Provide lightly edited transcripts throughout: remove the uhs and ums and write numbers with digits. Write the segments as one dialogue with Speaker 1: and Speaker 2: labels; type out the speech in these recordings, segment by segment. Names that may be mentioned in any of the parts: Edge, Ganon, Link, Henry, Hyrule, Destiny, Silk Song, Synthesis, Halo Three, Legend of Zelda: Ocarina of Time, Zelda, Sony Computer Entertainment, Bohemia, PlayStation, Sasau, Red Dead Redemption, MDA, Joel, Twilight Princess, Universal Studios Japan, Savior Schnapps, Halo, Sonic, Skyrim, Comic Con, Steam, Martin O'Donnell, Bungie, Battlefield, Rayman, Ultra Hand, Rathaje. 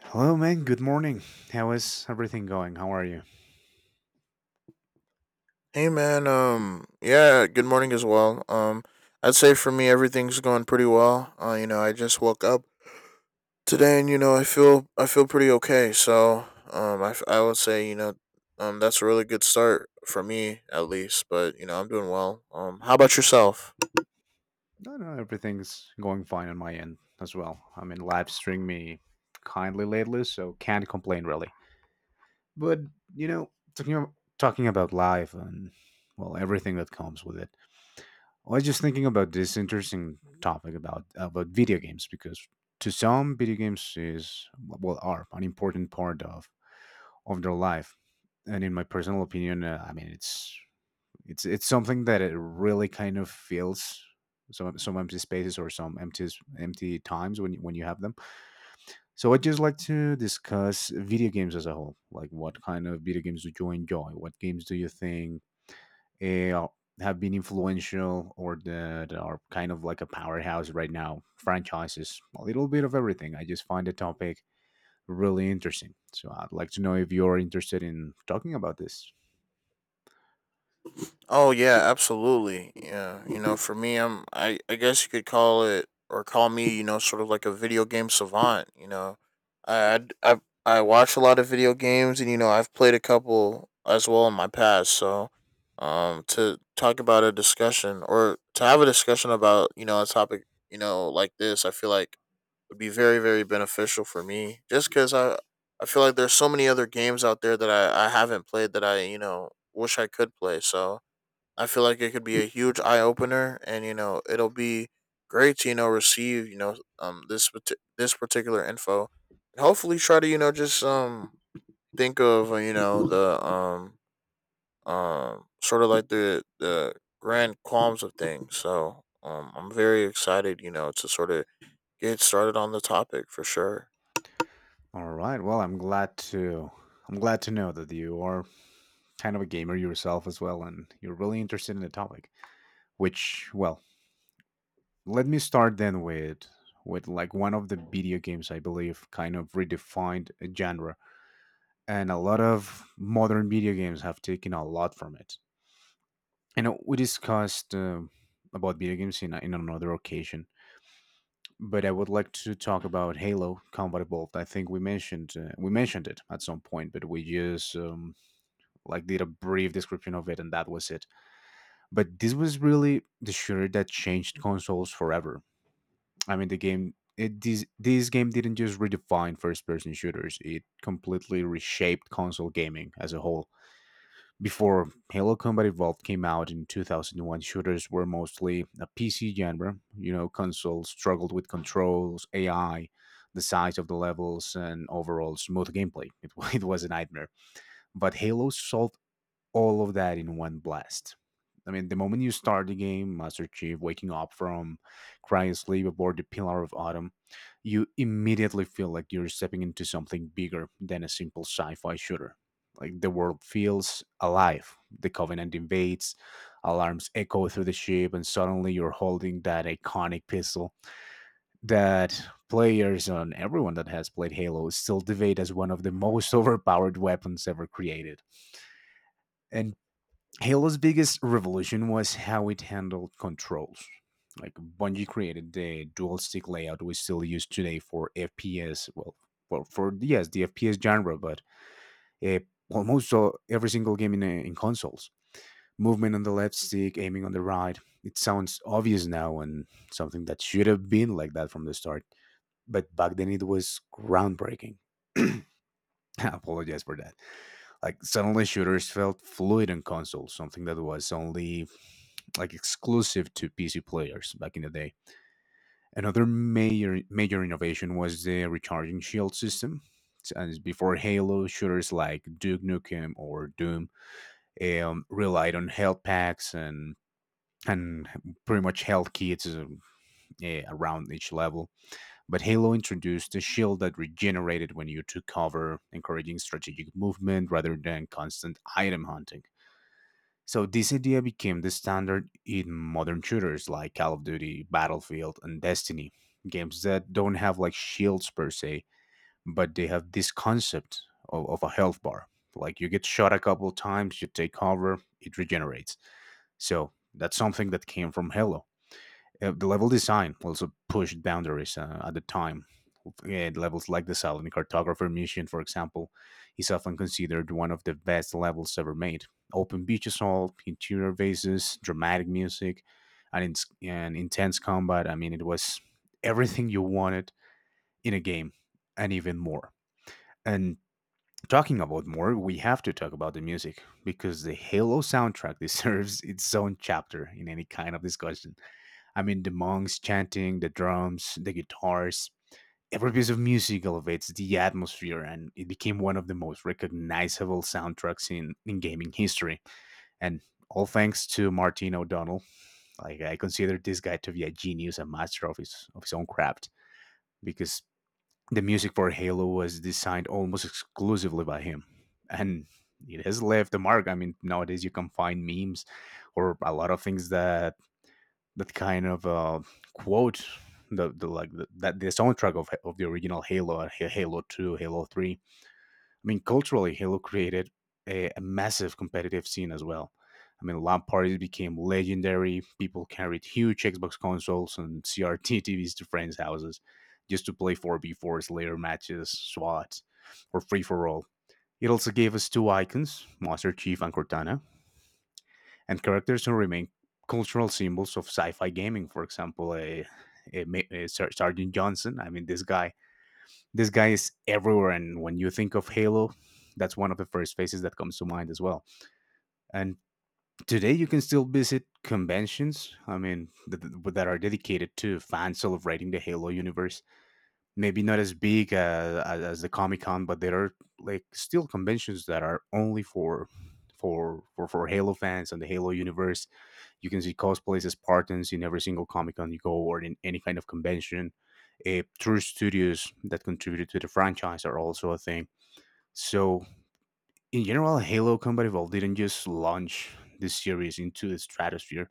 Speaker 1: Hello, man. Good morning. How is everything going? How are you?
Speaker 2: Good morning as well. I'd say for me everything's going pretty well. I just woke up today, and you know, I feel pretty okay. I would say, you know, that's a really good start for me at least. But you know, I'm doing well. How about yourself?
Speaker 1: No, no, everything's going fine on my end as well. I mean, live stream me kindly lately, so can't complain really. But you know, talking about, talking about life and well, everything that comes with it. I was just thinking about this interesting topic about video games because to some, video games is well are an important part of their life, and in my personal opinion, I mean, it's it's something that it really kind of feels some empty spaces or some empty times when when you have them. So I'd just like to discuss video games as a whole. Like, what kind of video games do you enjoy? What games do you think eh, have been influential or that are kind of like a powerhouse right now? Franchises, a little bit of everything. I just find the topic really interesting. So I'd like to know if you're interested in talking about this.
Speaker 2: Oh yeah, absolutely. Yeah, you know, for me, I guess you could call it or call me, you know, sort of like a video game savant. You know, I I I I watch a lot of video games, and you know, I've played a couple as well in my past. So, to talk about a discussion, or to have a discussion about, you know, a topic, you know, like this, I feel like would be very beneficial for me, just because I feel like there's so many other games out there that I haven't played, that I, you know, wish I could play. So I feel like it could be a huge eye opener, and you know it'll be great to, you know, receive, you know, this this particular info, and hopefully try to, you know, just think of you know, the sort of like the grand qualms of things. So I'm very excited, you know, to sort of get started on the topic for sure.
Speaker 1: All right. Well, I'm glad to know that you are kind of a gamer yourself as well and you're really interested in the topic, which well, let me start then with like one of the video games I believe kind of redefined a genre, and a lot of modern video games have taken a lot from it. I know we discussed about video games in another occasion, but I would like to talk about Halo Combat Evolved. I think we mentioned it at some point, but we just like did a brief description of it and that was it. But this was really the shooter that changed consoles forever. I mean, the game it this, this game didn't just redefine first person shooters, it completely reshaped console gaming as a whole. Before Halo Combat Evolved came out in 2001, shooters were mostly a PC genre. You know, consoles struggled with controls, AI, the size of the levels and overall smooth gameplay. It was a nightmare, but Halo solved all of that in one blast. I mean, the moment you start the game, Master Chief waking up from crying sleep aboard the Pillar of Autumn, you immediately feel like you're stepping into something bigger than a simple sci fi shooter. Like the world feels alive. The Covenant invades, alarms echo through the ship, and suddenly you're holding that iconic pistol that players and everyone that has played Halo still debate as one of the most overpowered weapons ever created. And Halo's biggest revolution was how it handled controls. Like Bungie created the dual stick layout we still use today for FPS. Well, for yes, the FPS genre, but uh, almost every single game in consoles. Movement on the left stick, aiming on the right. It sounds obvious now and something that should have been like that from the start. But back then it was groundbreaking. I apologize for that. Like suddenly shooters felt fluid on consoles, something that was only like exclusive to PC players back in the day. Another major innovation was the recharging shield system. And before Halo, shooters like Duke Nukem or Doom relied on health packs and pretty much health kits around each level. But Halo introduced a shield that regenerated when you took cover, encouraging strategic movement rather than constant item hunting. So this idea became the standard in modern shooters like Call of Duty, Battlefield, and Destiny, games that don't have like shields per se, but they have this concept of a health bar. Like you get shot a couple times, you take cover, it regenerates. So that's something that came from Halo. The level design also pushed boundaries at the time. Yeah, levels like the Saladin Cartographer mission, for example, is often considered one of the best levels ever made. Open beach assault, interior bases, dramatic music, and intense combat. I mean, it was everything you wanted in a game, and even more. And talking about more, we have to talk about the music because the Halo soundtrack deserves its own chapter in any kind of discussion. I mean, the monks chanting, the drums, the guitars. Every piece of music elevates the atmosphere, and it became one of the most recognizable soundtracks in gaming history. And all thanks to Martin O'Donnell. Like I consider this guy to be a genius, a master of his own craft, because the music for Halo was designed almost exclusively by him, and it has left a mark. I mean, nowadays you can find memes or a lot of things that kind of quote that the soundtrack of the original Halo, Halo Two, Halo Three. I mean, culturally, Halo created a massive competitive scene as well. I mean, LAN parties became legendary. People carried huge Xbox consoles and CRT TVs to friends' houses just to play 4v4s, Slayer matches, SWAT, or free for all. It also gave us two icons, Master Chief and Cortana, and characters who remain cultural symbols of sci-fi gaming. For example, a, a Sergeant Johnson. I mean, this guy is everywhere, and when you think of Halo, that's one of the first faces that comes to mind as well. And today, you can still visit conventions. I mean, that are dedicated to fans celebrating the Halo universe. Maybe not as big as the Comic Con, but there are like still conventions that are only for. For Halo fans and the Halo universe, you can see cosplays as Spartans in every single Comic Con you go or in any kind of convention. True studios that contributed to the franchise are also a thing. So, in general, Halo Combat Evolved didn't just launch this series into the stratosphere,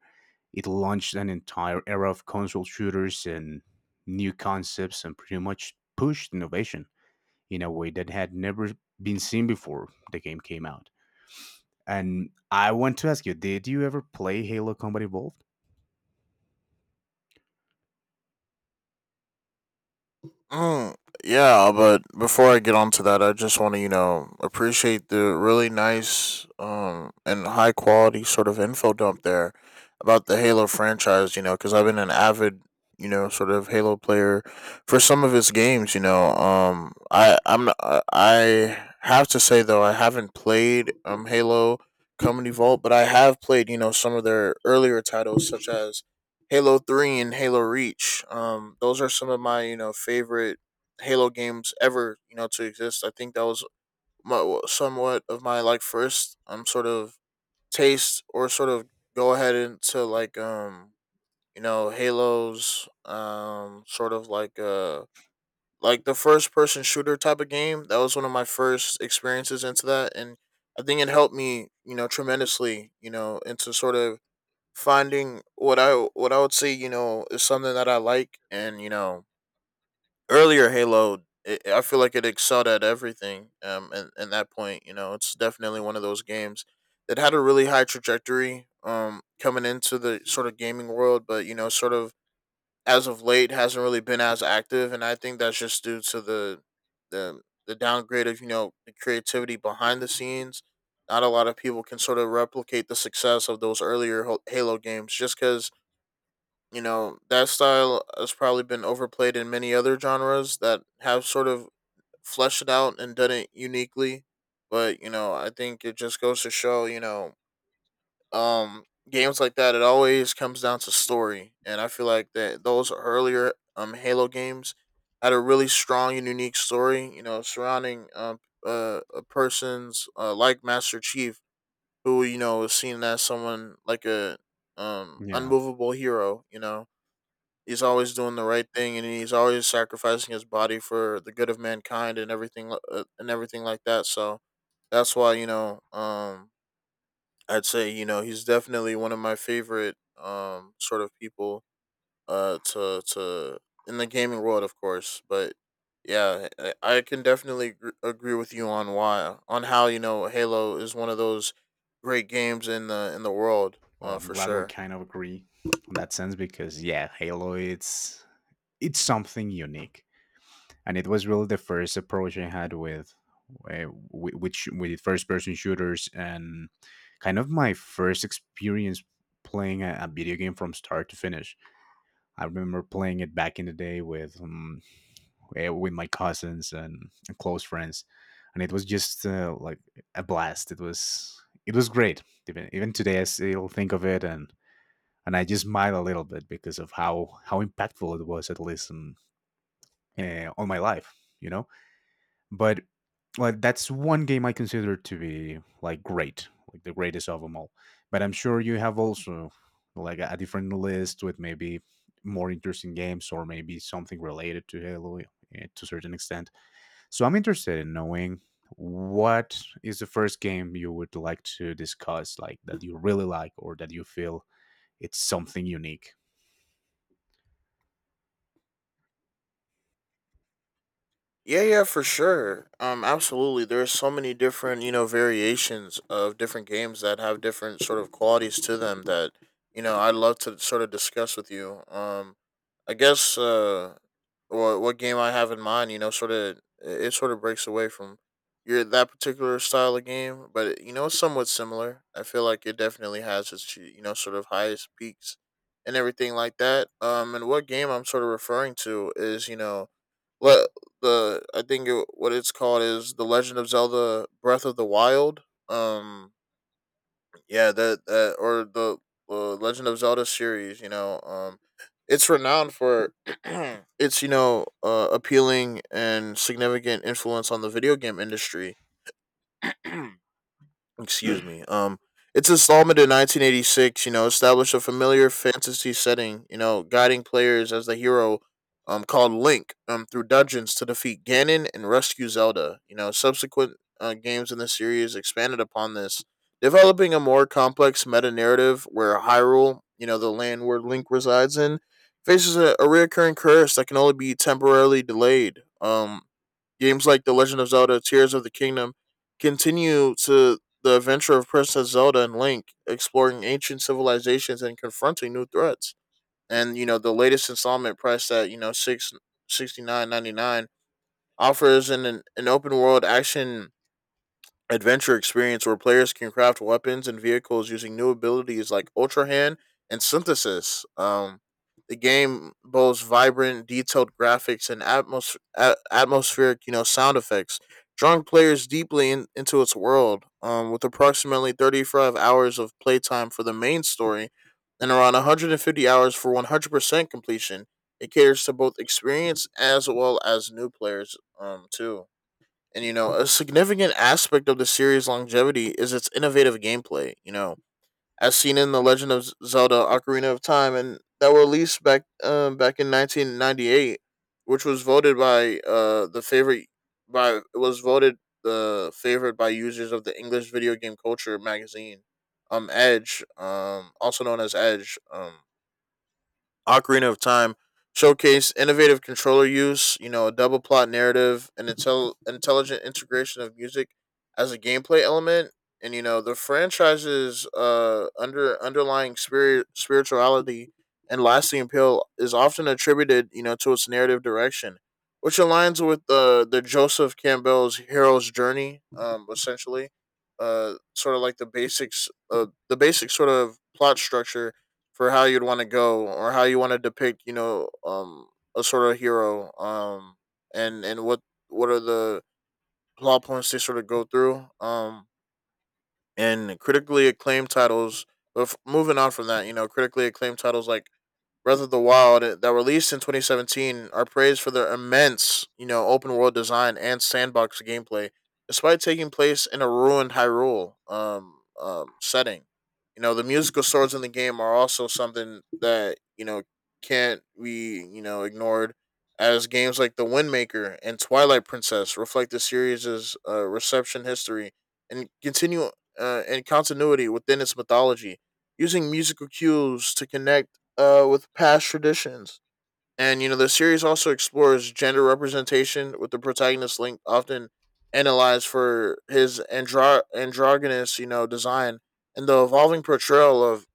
Speaker 1: it launched an entire era of console shooters and new concepts and pretty much pushed innovation in a way that had never been seen before the game came out. And I want to ask you, did you ever play Halo Combat Evolved?
Speaker 2: Mm, yeah, but before I get onto that, I just want to, you know, appreciate the really nice and high quality sort of info dump there about the Halo franchise, you know, because I've been an avid, you know, sort of Halo player for some of its games, you know. I have to say though, I haven't played Halo Company Vault, but I have played, you know, some of their earlier titles such as Halo Three and Halo Reach. Those are some of my, you know, favorite Halo games ever, you know, to exist. I think that was my, somewhat of my like first sort of taste, or sort of go ahead into like you know, Halo's, sort of like the first person shooter type of game. That was one of my first experiences into that, and I think it helped me, you know, tremendously, you know, into sort of finding what I, what I would say, you know, is something that I like, and you know, earlier Halo, it, I feel like it excelled at everything. And that point, you know, it's definitely one of those games that had a really high trajectory. Coming into the sort of gaming world, but you know, sort of as of late hasn't really been as active, and I think that's just due to the the downgrade of, you know, the creativity behind the scenes. Not a lot of people can sort of replicate the success of those earlier Halo games, just because, you know, that style has probably been overplayed in many other genres that have sort of fleshed it out and done it uniquely. But, you know, I think it just goes to show, you know, um, games like that, it always comes down to story. And I feel like that those earlier Halo games had a really strong and unique story, you know, surrounding a person's, like Master Chief, who, you know, is seen as someone like a
Speaker 1: Yeah.
Speaker 2: unmovable hero, you know, he's always doing the right thing, and he's always sacrificing his body for the good of mankind and and everything like that. So that's why, you know, I'd say, you know, he's definitely one of my favorite sort of people to in the gaming world, of course. But yeah, I can definitely agree with you on why on how, you know, Halo is one of those great games in the world,
Speaker 1: Well, I'm
Speaker 2: for
Speaker 1: glad we
Speaker 2: sure.
Speaker 1: kind of agree on that sense because yeah, Halo, it's something unique, and it was really the first approach I had with uh, which with first person shooters and kind of my first experience playing a video game from start to finish. I remember playing it back in the day with my cousins and close friends, and it was just like a blast. It was. It was great. Even today, I still think of it and I just smile a little bit because of how impactful it was, at least on my life, you know. But like that's one game I consider to be like great, like the greatest of them all. But I'm sure you have also like a different list with maybe more interesting games or maybe something related to Halo to a certain extent. So I'm interested in knowing what is the first game you would like to discuss, like that you really like or that you feel it's something unique.
Speaker 2: Yeah, yeah, for sure. Absolutely. There's so many different, you know, variations of different games that have different sort of qualities to them that, you know, I'd love to sort of discuss with you. I guess, what game I have in mind, you know, sort of it sort of breaks away from your that particular style of game, but it, you know, it's somewhat similar. I feel like it definitely has its, you know, sort of highest peaks and everything like that. And what game I'm sort of referring to is, you know, le- the I think it, what it's called is the Legend of Zelda: Breath of the Wild. Um, yeah, that or the Legend of Zelda series. You know, it's renowned for its, you know, appealing and significant influence on the video game industry. Excuse me. Its installment in 1986, you know, established a familiar fantasy setting, you know, guiding players as the hero, called Link, through dungeons to defeat Ganon and rescue Zelda. You know, subsequent games in the series expanded upon this, developing a more complex meta narrative where Hyrule, you know, the land where Link resides in, faces a reoccurring curse that can only be temporarily delayed. Games like The Legend of Zelda Tears of the Kingdom continue to the adventure of Princess Zelda and Link, exploring ancient civilizations and confronting new threats. And you know, the latest installment, priced at, you know, six sixty nine ninety nine, offers an open world action adventure experience, where players can craft weapons and vehicles using new abilities like Ultra Hand and Synthesis. The game boasts vibrant, detailed graphics and atmospheric, you know, sound effects, drawing players into its world. With approximately 35 hours of playtime for the main story and around 150 hours for 100% completion, it caters to both experience as well as new players, too. And you know, a significant aspect of the series' longevity is its innovative gameplay. You know, as seen in the Legend of Zelda: Ocarina of Time, and that were released back back in 1998, which was voted by the favorite by it was voted the favorite by users of the English video game culture magazine, Edge, also known as Edge. Ocarina of Time showcased innovative controller use, you know, a double plot narrative, and intelligent integration of music as a gameplay element. And you know, the franchise's underlying spirituality and lasting appeal is often attributed, you know, to its narrative direction, which aligns with the Joseph Campbell's hero's journey, essentially. Sort of like the basics, the basic sort of plot structure for how you'd want to go, or how you want to depict, you know, a sort of hero, and what are the plot points they sort of go through, and critically acclaimed titles. But moving on from that, you know, critically acclaimed titles like Breath of the Wild, that released in 2017, are praised for their immense, you know, open world design and sandbox gameplay, despite taking place in a ruined Hyrule setting. You know, the musical swords in the game are also something that, you know, can't be, you know, ignored, as games like The Windmaker and Twilight Princess reflect the series' reception history and continue and continuity within its mythology, using musical cues to connect, with past traditions. And, you know, the series also explores gender representation, with the protagonist Link often analyzed for his androgynous, you know, design and the evolving portrayal of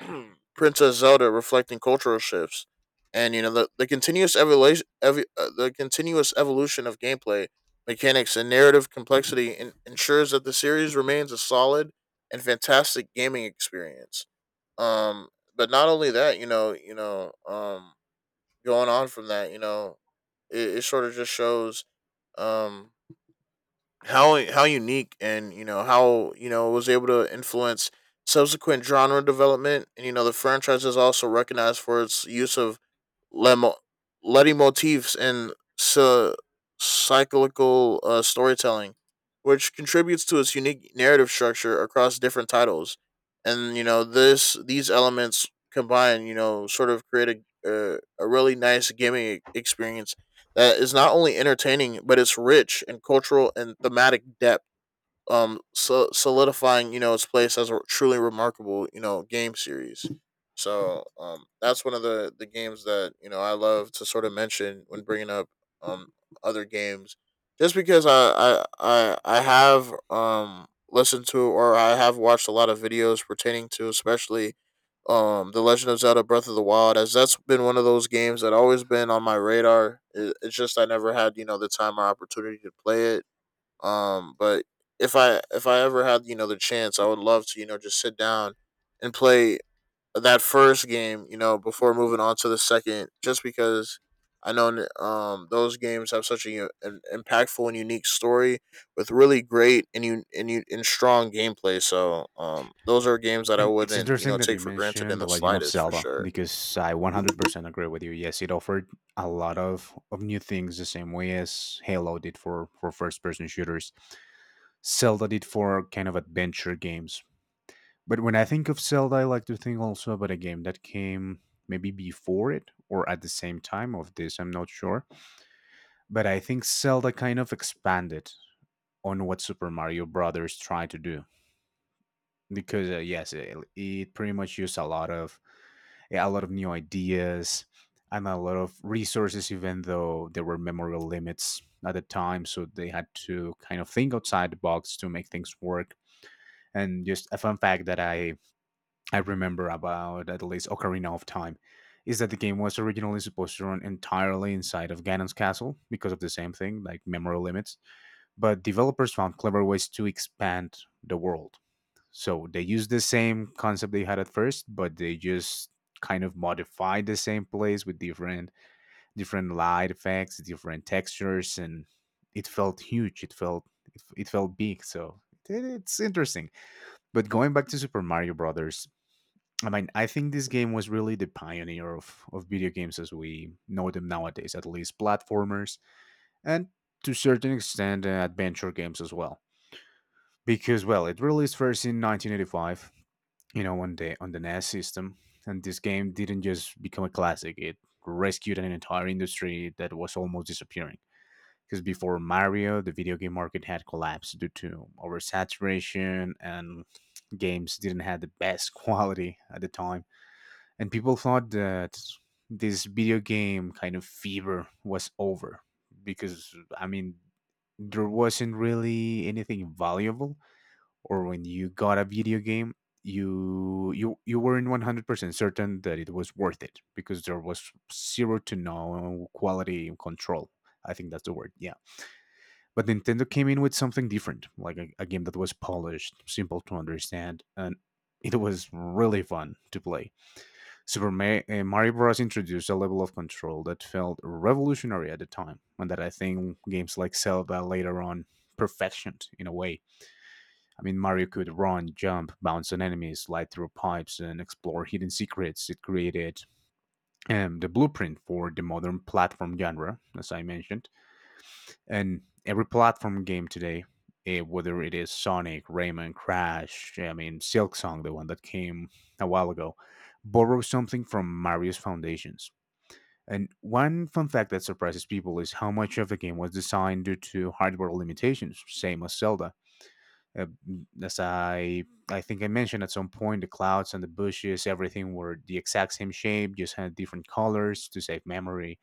Speaker 2: Princess Zelda reflecting cultural shifts. And, you know, the continuous the continuous evolution of gameplay mechanics and narrative complexity ensures that the series remains a solid and fantastic gaming experience. Um but not only that, going on from that, you know, it sort of just shows um how unique, and you know, how, you know, it was able to influence subsequent genre development. And you know, the franchise is also recognized for its use of lemo- leitmotifs in cyclical storytelling, which contributes to its unique narrative structure across different titles. And you know this these elements combined, you know, sort of create a really nice gaming experience that is not only entertaining but it's rich in cultural and thematic depth, so solidifying, you know, its place as a truly remarkable, you know, game series. So that's one of the games that, you know, I love to sort of mention when bringing up um other games, just because I have listened to or I have watched a lot of videos pertaining to, especially, The Legend of Zelda: Breath of the Wild, as that's been one of those games that always been on my radar. It's just I never had, you know, the time or opportunity to play it, but if I ever had, you know, the chance, I would love to, you know, just sit down and play that first game, you know, before moving on to the second, just because I know those games have such an impactful and unique story with really great and strong gameplay. So those are games that I
Speaker 1: And it's
Speaker 2: wouldn't, you
Speaker 1: interesting
Speaker 2: know,
Speaker 1: that
Speaker 2: take
Speaker 1: you
Speaker 2: for granted
Speaker 1: mentioned
Speaker 2: in
Speaker 1: The
Speaker 2: the
Speaker 1: Legend of
Speaker 2: slightest for
Speaker 1: Zelda
Speaker 2: sure.
Speaker 1: because I 100% agree with you. Yes, it offered a lot of new things the same way as Halo did for first person shooters, Zelda did for kind of adventure games. But when I think of Zelda, I like to think also about a game that came maybe before it or at the same time of this, I'm not sure. But I think Zelda kind of expanded on what Super Mario Brothers tried to do. Because yes it pretty much used a lot of yeah, a lot of new ideas and a lot of resources even though there were memory limits at the time, so they had to kind of think outside the box to make things work. And just a fun fact that I remember about at least Ocarina of Time is that the game was originally supposed to run entirely inside of Ganon's castle because of the same thing, like memory limits. But developers found clever ways to expand the world, so they use the same concept they had at first, but they just kind of modify the same place with different light effects, different textures, and it felt huge. It felt big. So it's interesting. But going back to Super Mario Brothers, I mean, I think this game was really the pioneer of video games as we know them nowadays, at least platformers, and to certain extent, adventure games as well. Because it released first in 1985, on the NES system. And this game didn't just become a classic; it rescued an entire industry that was almost disappearing. Because before Mario, the video game market had collapsed due to oversaturation, and games didn't have the best quality at the time. And people thought that this video game kind of fever was over because there wasn't really anything valuable, or when you got a video game you weren't 100% certain that it was worth it because there was zero to no quality control. I think that's the word. Yeah, but Nintendo came in with something different, like a game that was polished, simple to understand, and it was really fun to play. Mario Bros. Introduced a level of control that felt revolutionary at the time, and that I think games like Zelda later on perfected in a way. I mean, Mario could run, jump, bounce on enemies, slide through pipes, and explore hidden secrets. It created the blueprint for the modern platform genre, as I mentioned. And every platform game today, whether it is Sonic, Rayman, Crash, I mean, Silk Song, the one that came a while ago, borrows something from Mario's foundations. And one fun fact that surprises people is how much of the game was designed due to hardware limitations, same as Zelda. Uh, as I think I mentioned at some point, the clouds and the bushes, everything were the exact same shape, just had different colors to save memory.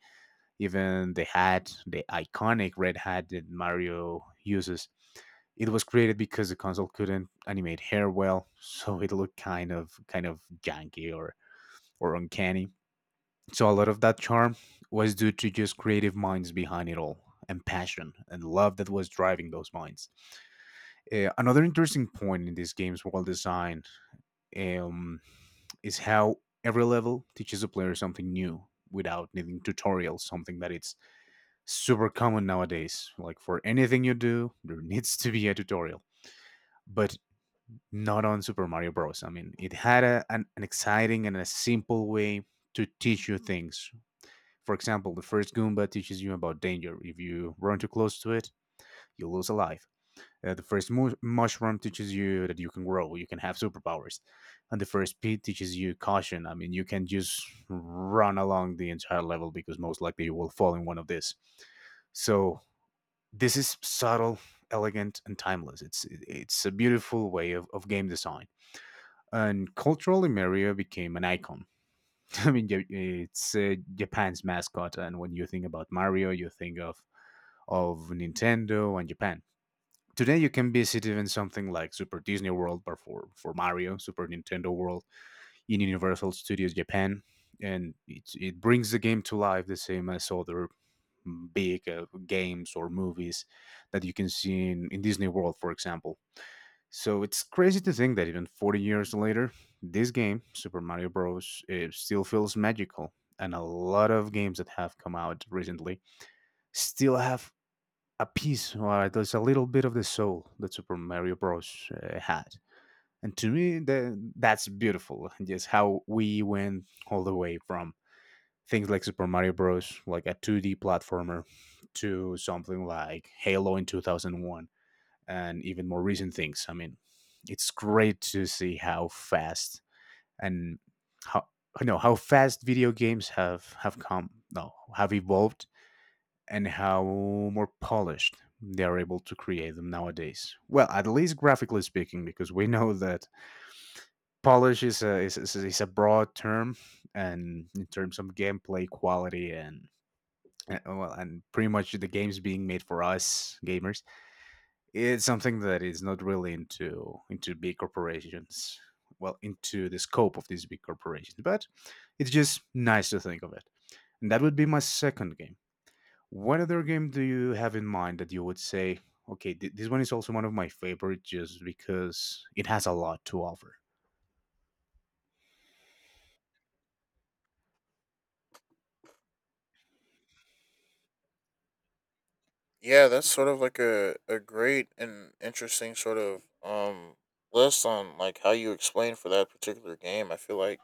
Speaker 1: Even the hat, the iconic red hat that Mario uses, it was created because the console couldn't animate hair well, so it looked kind of janky or uncanny. So a lot of that charm was due to just creative minds behind it all, and passion and love that was driving those minds. Another interesting point in this game's world design, um, is how every level teaches the player something new without needing tutorials, something that it's super common nowadays. Like for anything you do, there needs to be a tutorial, but not on Super Mario Bros. I mean, it had an exciting and a simple way to teach you things. For example, the first Goomba teaches you about danger. If you run too close to it, you lose a life. The first mushroom teaches you that you can grow, you can have superpowers, and the first pea teaches you caution. I mean, you can just run along the entire level because most likely you will fall in one of these. So this is subtle, elegant, and timeless. It's a beautiful way of game design. And culturally, Mario became an icon. It's Japan's mascot, and when you think about Mario, you think of Nintendo and Japan. Today you can visit even something like Super Disney World, but for Mario, Super Nintendo World in Universal Studios Japan, and it brings the game to life the same as other big games or movies that you can see in Disney World, for example. So it's crazy to think that even 40 years later, this game, Super Mario Bros., it still feels magical. And a lot of games that have come out recently still have a piece, or there's a little bit of the soul that Super Mario Bros. Had. And to me, that's beautiful. Just how we went all the way from things like Super Mario Bros., like a 2D platformer, to something like Halo in 2001, and even more recent things. I mean, it's great to see how fast and how no how fast video games have come no have evolved, and how more polished they are able to create them nowadays. Well, at least graphically speaking, because we know that polish is a is a broad term, and in terms of gameplay quality and pretty much the games being made for us gamers, it's something that is not really into big corporations. Well, into the scope of these big corporations, but it's just nice to think of it. And that would be my second game. What other game do you have in mind that you would say, okay, this one is also one of my favorite just because it has a lot to offer?
Speaker 2: Yeah, that's sort of like a great and interesting sort of list on like how you explain for that particular game. I feel like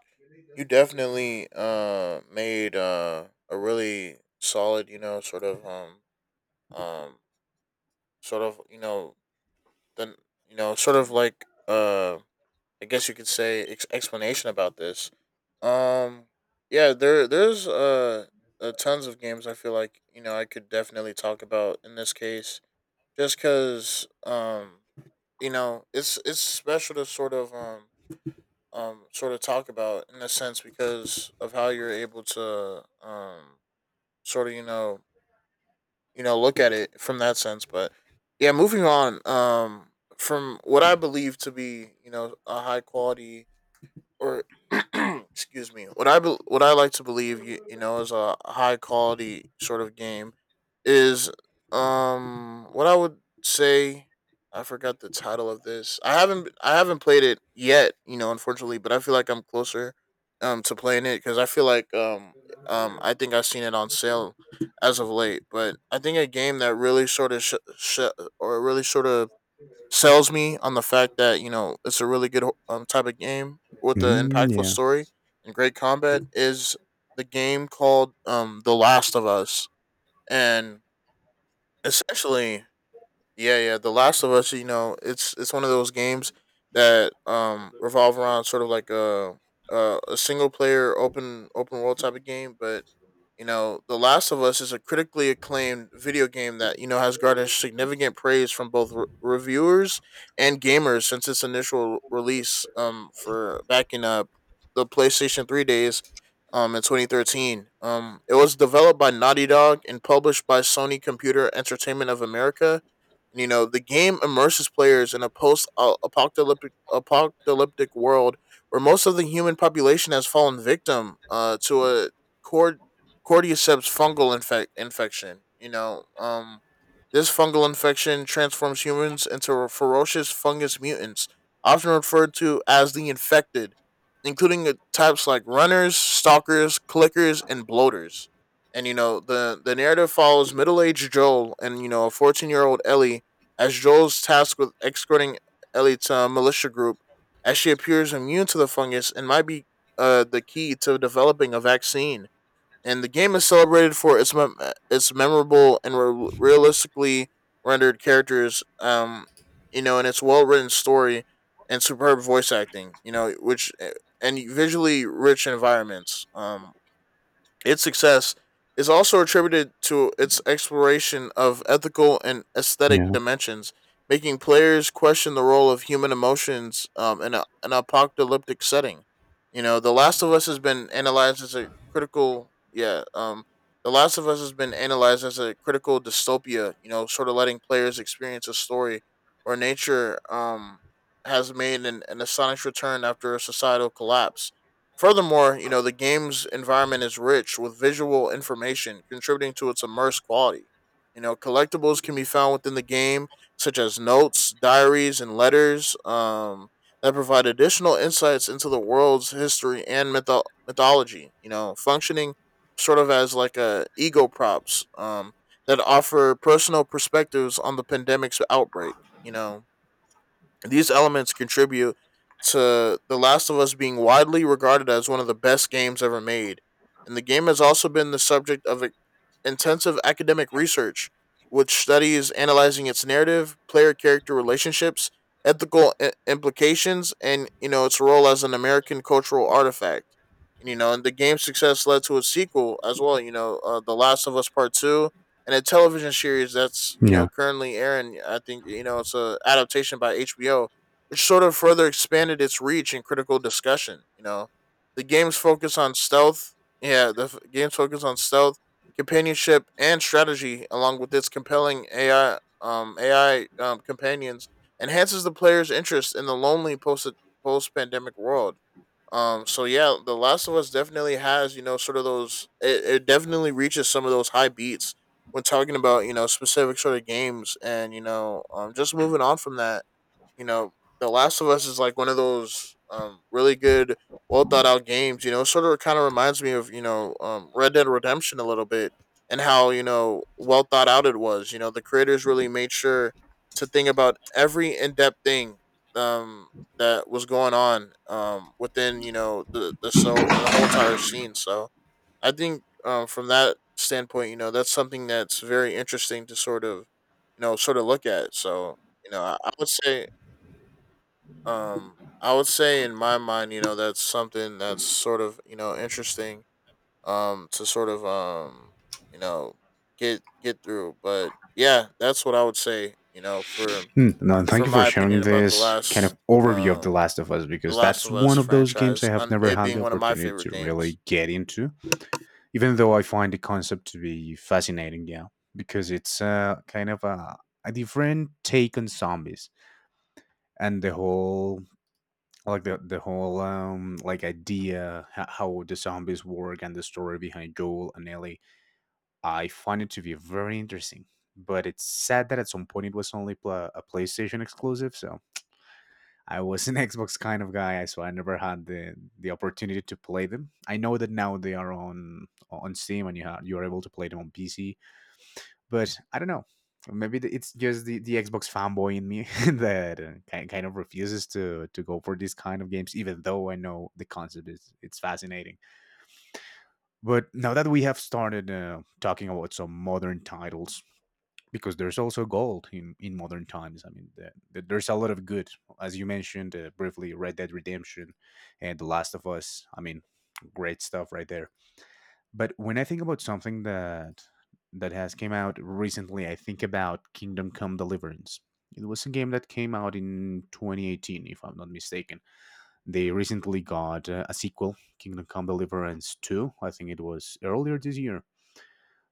Speaker 2: you definitely made a really solid, you know, sort of um sort of, you know, then, you know, sort of like I guess you could say explanation about this. Um yeah, there's tons of games, I feel like, you know, I could definitely talk about in this case, just because you know it's special to sort of talk about in a sense because of how you're able to sort of, you know, you know, look at it from that sense. But yeah, moving on, from what I believe to be, you know, a high quality or excuse me, what I like to believe you, you know, is a high quality sort of game is what I would say. I forgot the title of this. I haven't played it yet, you know, unfortunately, but I feel like I'm closer to playing it, cuz I feel like I think I've seen it on sale as of late. But I think a game that really sort of or really sort of sells me on the fact that, you know, it's a really good type of game with an
Speaker 1: Mm,
Speaker 2: impactful
Speaker 1: yeah,
Speaker 2: story and great combat is the game called The Last of Us. And essentially yeah, yeah, The Last of Us, you know, it's one of those games that revolve around sort of like a single player open world type of game. But you know, The Last of Us is a critically acclaimed video game that, you know, has garnered significant praise from both reviewers and gamers since its initial release, for back in the PlayStation 3 days, in 2013. It was developed by Naughty Dog and published by Sony Computer Entertainment of America. And, you know, the game immerses players in a post apocalyptic world where most of the human population has fallen victim to a cord cordyceps fungal infection. You know, this fungal infection transforms humans into ferocious fungus mutants, often referred to as the infected, including the types like runners, stalkers, clickers, and bloaters. And you know, the narrative follows middle aged Joel and you know a 14-year old Ellie, as Joel's tasked with escorting Ellie to a militia group, as she appears immune to the fungus and might be, the key to developing a vaccine. And the game is celebrated for its its memorable and realistically rendered characters, you know, and its well written story and superb voice acting, you know, and visually rich environments. Its success is also attributed to its exploration of ethical and aesthetic
Speaker 1: yeah,
Speaker 2: dimensions, making players question the role of human emotions, in an apocalyptic setting. You know, The Last of Us has been analyzed as a critical, yeah, The Last of Us has been analyzed as a critical dystopia, you know, sort of letting players experience a story where nature, has made an astonishing return after a societal collapse. Furthermore, you know, the game's environment is rich with visual information, contributing to its immersive quality. You know, collectibles can be found within the game, such as notes, diaries, and letters, that provide additional insights into the world's history and mythology, you know, functioning sort of as like a ego props, that offer personal perspectives on the pandemic's outbreak. You know, these elements contribute to The Last of Us being widely regarded as one of the best games ever made. And the game has also been the subject of intensive academic research, which studies analyzing its narrative, player character relationships, ethical implications, and, you know, its role as an American cultural artifact. And you know, and the game's success led to a sequel as well. You know, The Last of Us Part Two, and a television series that's, you
Speaker 1: yeah.
Speaker 2: know, currently airing. I think, you know, it's a adaptation by HBO, which sort of further expanded its reach and critical discussion. You know, the game's focus on stealth. Yeah, the f- game's focus on stealth, companionship, and strategy, along with its compelling AI, companions, enhances the player's interest in the lonely post post pandemic world. So yeah, The Last of Us definitely has, you know, sort of those, it definitely reaches some of those high beats when talking about, you know, specific sort of games. And, you know, just moving on from that, you know, The Last of Us is like one of those really good, well thought out games. You know, sort of kind of reminds me of, you know, Red Dead Redemption a little bit, and how, you know, well thought out it was. You know, the creators really made sure to think about every in depth thing um that was going on within, you know, the the whole entire scene. So I think from that standpoint, you know, that's something that's very interesting to sort of, you know, sort of look at. So you know, I would say, I would say in my mind, you know, that's something that's sort of, you know, interesting. To sort of you know, get through. But yeah, that's what I would say. You know,
Speaker 1: Mm, no, and thank
Speaker 2: for
Speaker 1: you for
Speaker 2: my
Speaker 1: sharing
Speaker 2: opinion about
Speaker 1: this kind of overview of The
Speaker 2: um
Speaker 1: Last of Us,
Speaker 2: the
Speaker 1: because
Speaker 2: Last
Speaker 1: that's
Speaker 2: of Us
Speaker 1: one of those games I
Speaker 2: franchise,
Speaker 1: have
Speaker 2: and
Speaker 1: never
Speaker 2: it
Speaker 1: had the
Speaker 2: being one of my
Speaker 1: opportunity
Speaker 2: favorite
Speaker 1: to
Speaker 2: games.
Speaker 1: really get into, even though I find the concept to be fascinating. Yeah, because it's kind of a different take on zombies, and the whole — I like the whole like idea how the zombies work and the story behind Joel and Ellie. I find it to be very interesting, but it's sad that at some point it was only pla a PlayStation exclusive. So I was an Xbox kind of guy, so I never had the opportunity to play them. I know that now they are on Steam, and you you are able to play them on PC. But I don't know. Maybe it's just the Xbox fanboy in me that kind of refuses to go for these kind of games, even though I know the concept is it's fascinating. But now that we have started talking about some modern titles, because there's also gold in modern times. I mean, there's a lot of good, as you mentioned briefly, Red Dead Redemption and The Last of Us. I mean, great stuff right there. But when I think about something that has came out recently, I think about Kingdom Come Deliverance. It was a game that came out in 2018, if I'm not mistaken. They recently got a sequel, Kingdom Come Deliverance 2. I think it was earlier this year.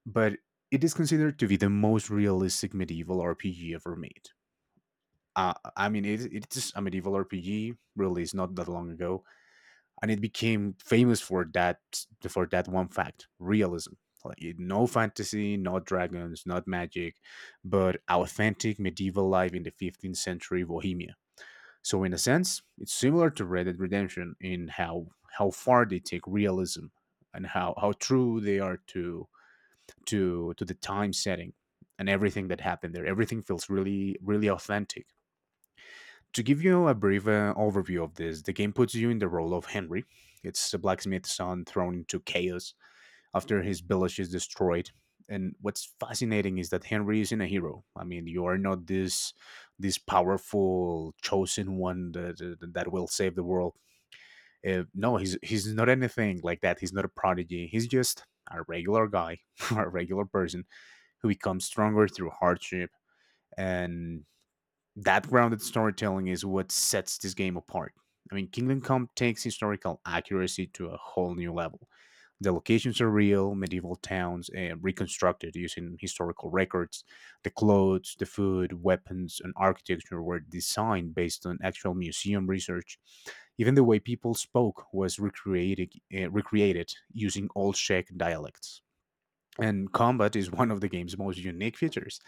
Speaker 1: But it is considered to be the most realistic medieval RPG ever made. It's a medieval RPG, released not that long ago, and it became famous for that, one fact: realism. No fantasy, not dragons, not magic, but authentic medieval life in the 15th century Bohemia. So in a sense it's similar to Red Dead Redemption in how far they take realism, and how true they are to the time setting, and everything that happened there, everything feels really really authentic. To give you a brief overview of this, the game puts you in the role of Henry. It's a blacksmith's son thrown into chaos after his village is destroyed. And what's fascinating is that Henry isn't a hero. I mean, you are not this powerful chosen one that will save the world. No, he's not anything like that. He's not a prodigy. He's just a regular guy, a regular person who becomes stronger through hardship, and that grounded storytelling is what sets this game apart. I mean, Kingdom Come takes historical accuracy to a whole new level. The locations are real medieval towns, reconstructed using historical records. The clothes, the food, weapons, and architecture were designed based on actual museum research. Even the way people spoke was recreated using old Czech dialects. And combat is one of the game's most unique features.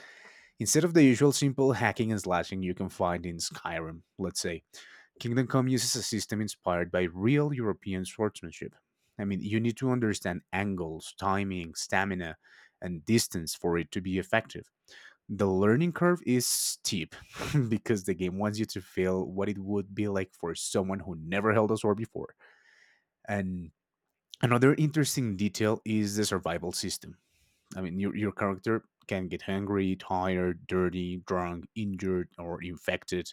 Speaker 1: Instead of the usual simple hacking and slashing you can find in Skyrim, let's say, Kingdom Come uses a system inspired by real European swordsmanship. I mean, you need to understand angles, timing, stamina, and distance for it to be effective. The learning curve is steep because the game wants you to feel what it would be like for someone who never held a sword before. And another interesting detail is the survival system. I mean, your character can get hungry, tired, dirty, drunk, injured, or infected.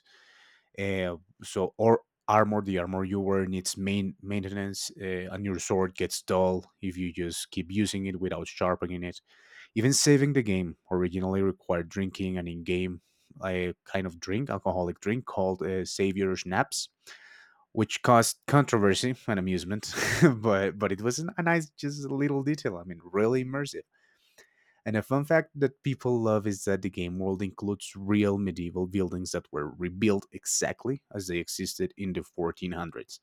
Speaker 1: Uh, so, or armor, the armor you wear needs maintenance, and your sword gets dull if you just keep using it without sharpening it. Even saving the game originally required drinking an in-game a kind of drink, alcoholic drink called Savior Schnapps, which caused controversy and amusement, but it was a nice, just a little detail. I mean, really immersive. And a fun fact that people love is that the game world includes real medieval buildings that were rebuilt exactly as they existed in the 1400s.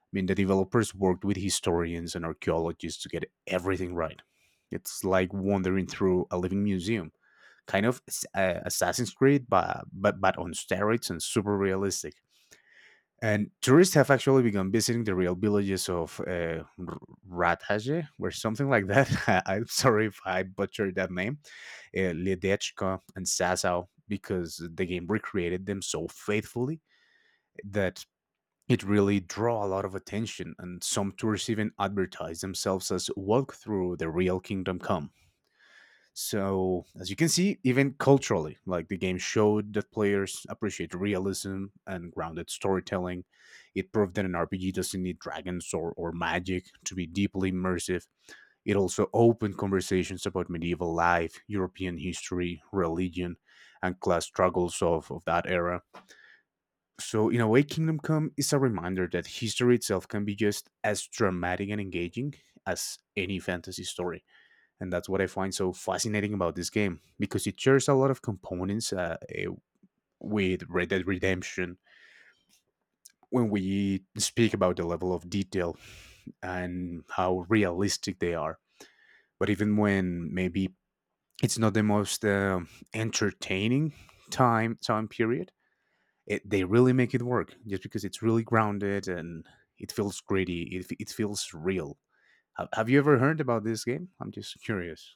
Speaker 1: I mean, the developers worked with historians and archaeologists to get everything right. It's like wandering through a living museum, kind of Assassin's Creed, but, on steroids and super realistic. And tourists have actually begun visiting the real villages of Rathaje, or something like that. I'm sorry if I butchered that name Ledechka and Sasau because the game recreated them so faithfully that it really draw a lot of attention, and some tours even advertise themselves as walk through the real Kingdom Come. So as you can see, even culturally, like the game showed that players appreciate realism and grounded storytelling. It proved that an RPG doesn't need dragons or magic to be deeply immersive. It also opened conversations about medieval life, European history, religion, and class struggles of that era. So, in a way, Kingdom Come is a reminder that history itself can be just as dramatic and engaging as any fantasy story. And that's what I find so fascinating about this game, because it shares a lot of components with Red Dead Redemption, when we speak about the level of detail and how realistic they are. But even when maybe it's not the most entertaining time period. It, they really make it work just because it's really grounded and it feels gritty. It feels real. Have you ever heard about this game? I'm just curious.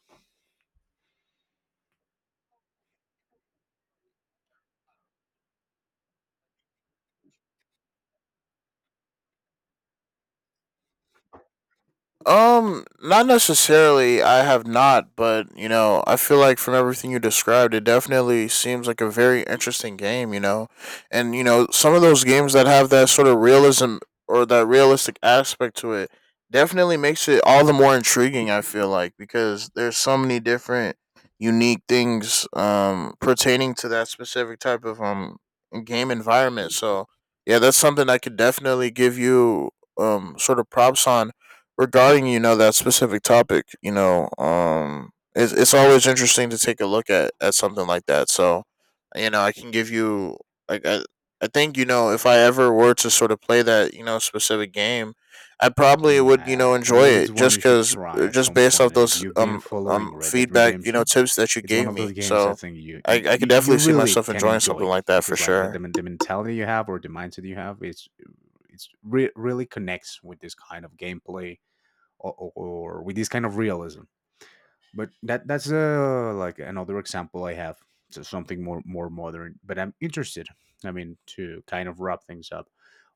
Speaker 2: Not necessarily. I have not, but you know, I feel like from everything you described, it definitely seems like a very interesting game. You know, and you know, some of those games that have that sort of realism or that realistic aspect to it definitely makes it all the more intriguing. I feel like because there's so many different unique things pertaining to that specific type of game environment. So yeah, that's something I could definitely give you sort of props on regarding, you know, that specific topic. You know, it's always interesting to take a look at something like that. So you know I can give you like I think, you know, if I ever were to sort of play that, you know, specific game, I probably would, you know,
Speaker 1: Yeah, I
Speaker 2: enjoy
Speaker 1: believe it's
Speaker 2: it,
Speaker 1: one you
Speaker 2: just
Speaker 1: should
Speaker 2: because
Speaker 1: try at
Speaker 2: just
Speaker 1: some
Speaker 2: based
Speaker 1: point.
Speaker 2: off
Speaker 1: And if
Speaker 2: those
Speaker 1: you've been following Red Dead
Speaker 2: feedback, you know,
Speaker 1: Redemption,
Speaker 2: tips that you
Speaker 1: it's one
Speaker 2: gave
Speaker 1: of those
Speaker 2: me.
Speaker 1: games I
Speaker 2: So
Speaker 1: think
Speaker 2: i i could
Speaker 1: you
Speaker 2: definitely see
Speaker 1: really
Speaker 2: myself
Speaker 1: can
Speaker 2: enjoying something
Speaker 1: enjoy,
Speaker 2: like that for
Speaker 1: because like
Speaker 2: sure.
Speaker 1: the mentality you have, or the mindset you have, it's it's really connects with this kind of gameplay, or with this kind of realism. But that's like another example I have. So something more modern. But I'm interested. I mean, to kind of wrap things up,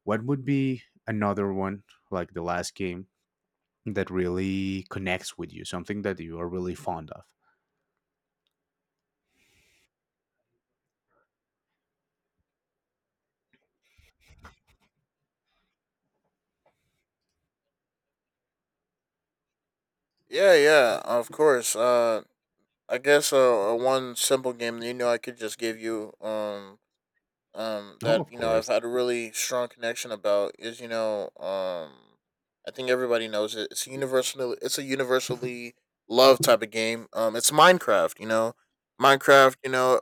Speaker 1: what would be another one, like the last game that really connects with you, something that you are really fond of.
Speaker 2: Yeah, yeah, of course. One simple game that, you know, I could just give you,
Speaker 1: Oh,
Speaker 2: that,
Speaker 1: of
Speaker 2: you know, I've
Speaker 1: course.
Speaker 2: had a really strong connection about is, you know, I think everybody knows it. It's a universally loved type of game. It's Minecraft, you know. Minecraft, you know,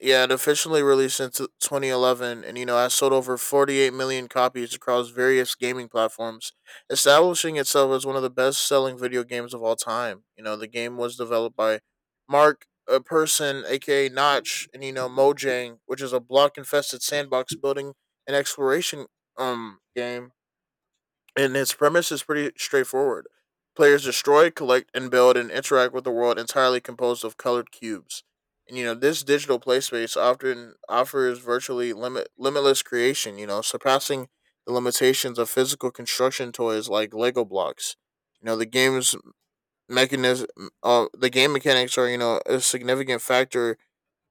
Speaker 2: yeah, it officially released in 2011 and, you know, has sold over 48 million copies across various gaming platforms, establishing itself as one of the best selling video games of all time. You know, the game was developed by Mark, a person, aka Notch, and, you know, Mojang, which is a block infested sandbox building and exploration game, and its premise is pretty straightforward. Players destroy, collect, and build and interact with the world entirely composed of colored cubes. And you know, this digital play space often offers virtually limitless creation, you know, surpassing the limitations of physical construction toys like Lego blocks. You know, mechanism the game mechanics are, you know, a significant factor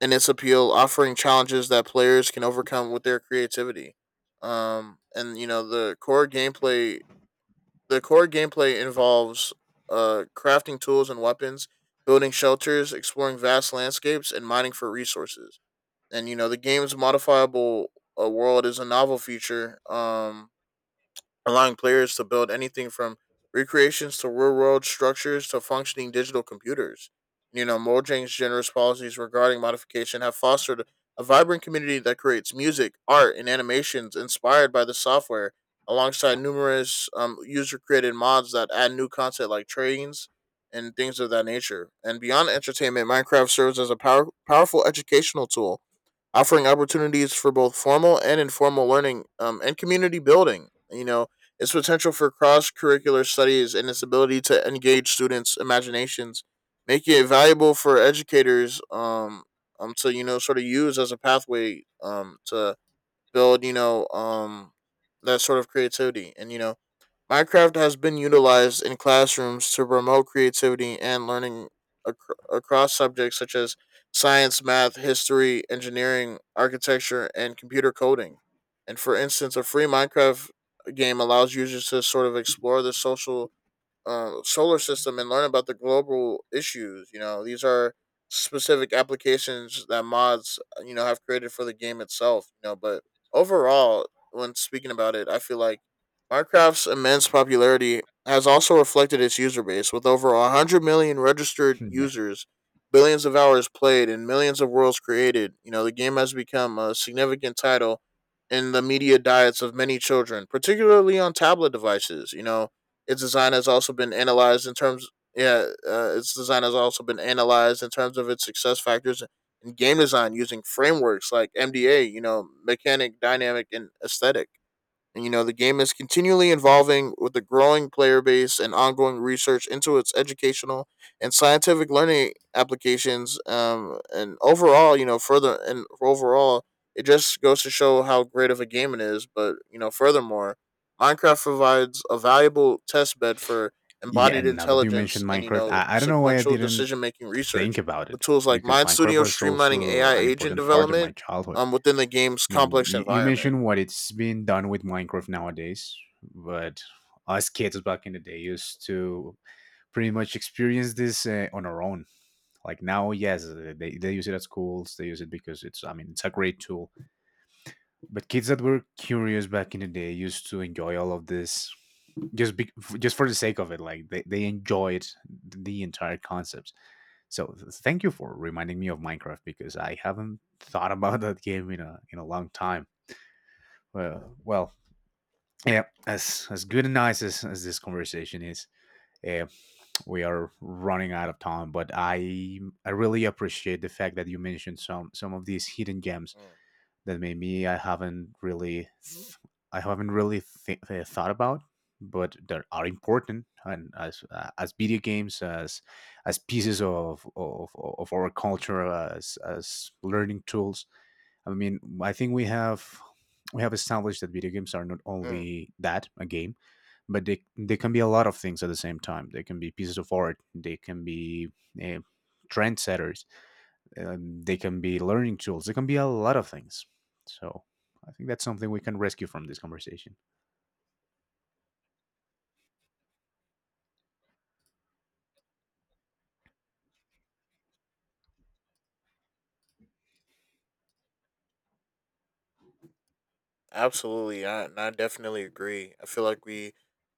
Speaker 2: in its appeal, offering challenges that players can overcome with their creativity. And you know, the core gameplay involves, crafting tools and weapons, building shelters, exploring vast landscapes, and mining for resources. And you know the game's modifiable, world is a novel feature. Allowing players to build anything from recreations to real world structures to functioning digital computers. You know, Mojang's generous policies regarding modification have fostered a vibrant community that creates music, art, and animations inspired by the software, alongside numerous, user created mods that add new content like trains and things of that nature. And beyond entertainment, Minecraft serves as a powerful educational tool, offering opportunities for both formal and informal learning, and community building. You know, its potential for cross curricular studies and its ability to engage students' imaginations making it valuable for educators, to, you know, sort of use as a pathway to build, you know, that sort of creativity. And you know, Minecraft has been utilized in classrooms to promote creativity and learning across subjects such as science, math, history, engineering, architecture, and computer coding. And for instance, a free Minecraft game allows users to sort of explore the social, solar system and learn about the global issues. You know, these are specific applications that mods, you know, have created for the game itself. You know, but overall, when speaking about it, I feel like Minecraft's immense popularity has also reflected its user base, with over 100 million registered
Speaker 1: Yeah.
Speaker 2: users, billions of hours played, and millions of worlds created. You know, the game has become a significant title in the media diets of many children, particularly on tablet devices. You know, its design has also been analyzed in terms yeah, its design has also been analyzed in terms of its success factors in game design using frameworks like MDA, you know, mechanic, dynamic, and aesthetic. And, you know, the game is continually evolving with a growing player base and ongoing research into its educational and scientific learning applications. And overall, you know, further and overall, it just goes to show how great of a game it is. But, you know, furthermore, Minecraft provides a valuable test bed for
Speaker 1: Yeah,
Speaker 2: embodied
Speaker 1: and now that you mentioned
Speaker 2: intelligence and, you
Speaker 1: Minecraft,
Speaker 2: know,
Speaker 1: I don't know why I
Speaker 2: sequential
Speaker 1: didn't
Speaker 2: decision making
Speaker 1: think
Speaker 2: research
Speaker 1: about it,
Speaker 2: with tools like
Speaker 1: because
Speaker 2: Mind
Speaker 1: Minecraft
Speaker 2: Studio
Speaker 1: was
Speaker 2: streamlining
Speaker 1: also
Speaker 2: AI
Speaker 1: an
Speaker 2: agent
Speaker 1: important part of my
Speaker 2: development,
Speaker 1: childhood.
Speaker 2: within the game's
Speaker 1: I mean,
Speaker 2: complex
Speaker 1: you
Speaker 2: environment.
Speaker 1: mentioned what it's been done with Minecraft nowadays, but us kids back in the day used to pretty much experience this on our own. Like now, yes, they use it at schools, they use it because it's, I mean, it's a great tool. But kids that were curious back in the day used to enjoy all of this just just for the sake of it, like they enjoyed the entire concept. So thank you for reminding me of Minecraft, because I haven't thought about that game in a long time. Well, yeah, as good and nice as this conversation is, uh, we are running out of time, but I I really appreciate the fact that you mentioned some of these hidden gems
Speaker 2: Mm,
Speaker 1: that maybe I haven't really I haven't really thought about, but that are important and as video games, as pieces of our culture, as learning tools. I mean, I think we have established that video games are not
Speaker 2: mm.
Speaker 1: only that a game, but they can be a lot of things at the same time. They can be pieces of art. They can be uh, trendsetters. They can be learning tools. They can be a lot of things. So I think that's something we can rescue from this conversation.
Speaker 2: Absolutely, and I definitely agree. I feel like we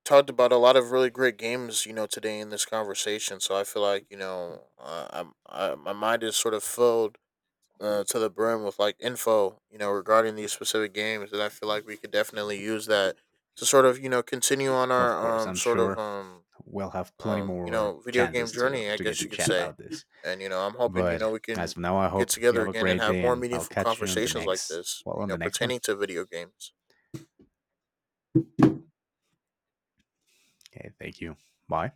Speaker 2: talked about a lot of really great games, you know, today in this conversation. So I feel like you know, my mind is sort of filled, to the brim with like info, you know, regarding these specific games, and I feel like we could definitely use that to sort of, you know, continue on
Speaker 1: Of
Speaker 2: our
Speaker 1: course, I'm
Speaker 2: sort of
Speaker 1: sure we'll have plenty
Speaker 2: you
Speaker 1: more
Speaker 2: know, video game
Speaker 1: chances to
Speaker 2: journey, I
Speaker 1: to get
Speaker 2: guess
Speaker 1: to
Speaker 2: you could
Speaker 1: chat
Speaker 2: say.
Speaker 1: about this.
Speaker 2: And you know, I'm hoping, you
Speaker 1: But
Speaker 2: know, we
Speaker 1: as
Speaker 2: can
Speaker 1: of now, I
Speaker 2: get
Speaker 1: hope you
Speaker 2: together
Speaker 1: have a
Speaker 2: again and
Speaker 1: great
Speaker 2: have
Speaker 1: day,
Speaker 2: more
Speaker 1: and I'll
Speaker 2: meaningful
Speaker 1: catch you on the
Speaker 2: conversations like
Speaker 1: next,
Speaker 2: this,
Speaker 1: well,
Speaker 2: you
Speaker 1: on the
Speaker 2: know,
Speaker 1: next one.
Speaker 2: pertaining to video games.
Speaker 1: Okay, thank you. Bye.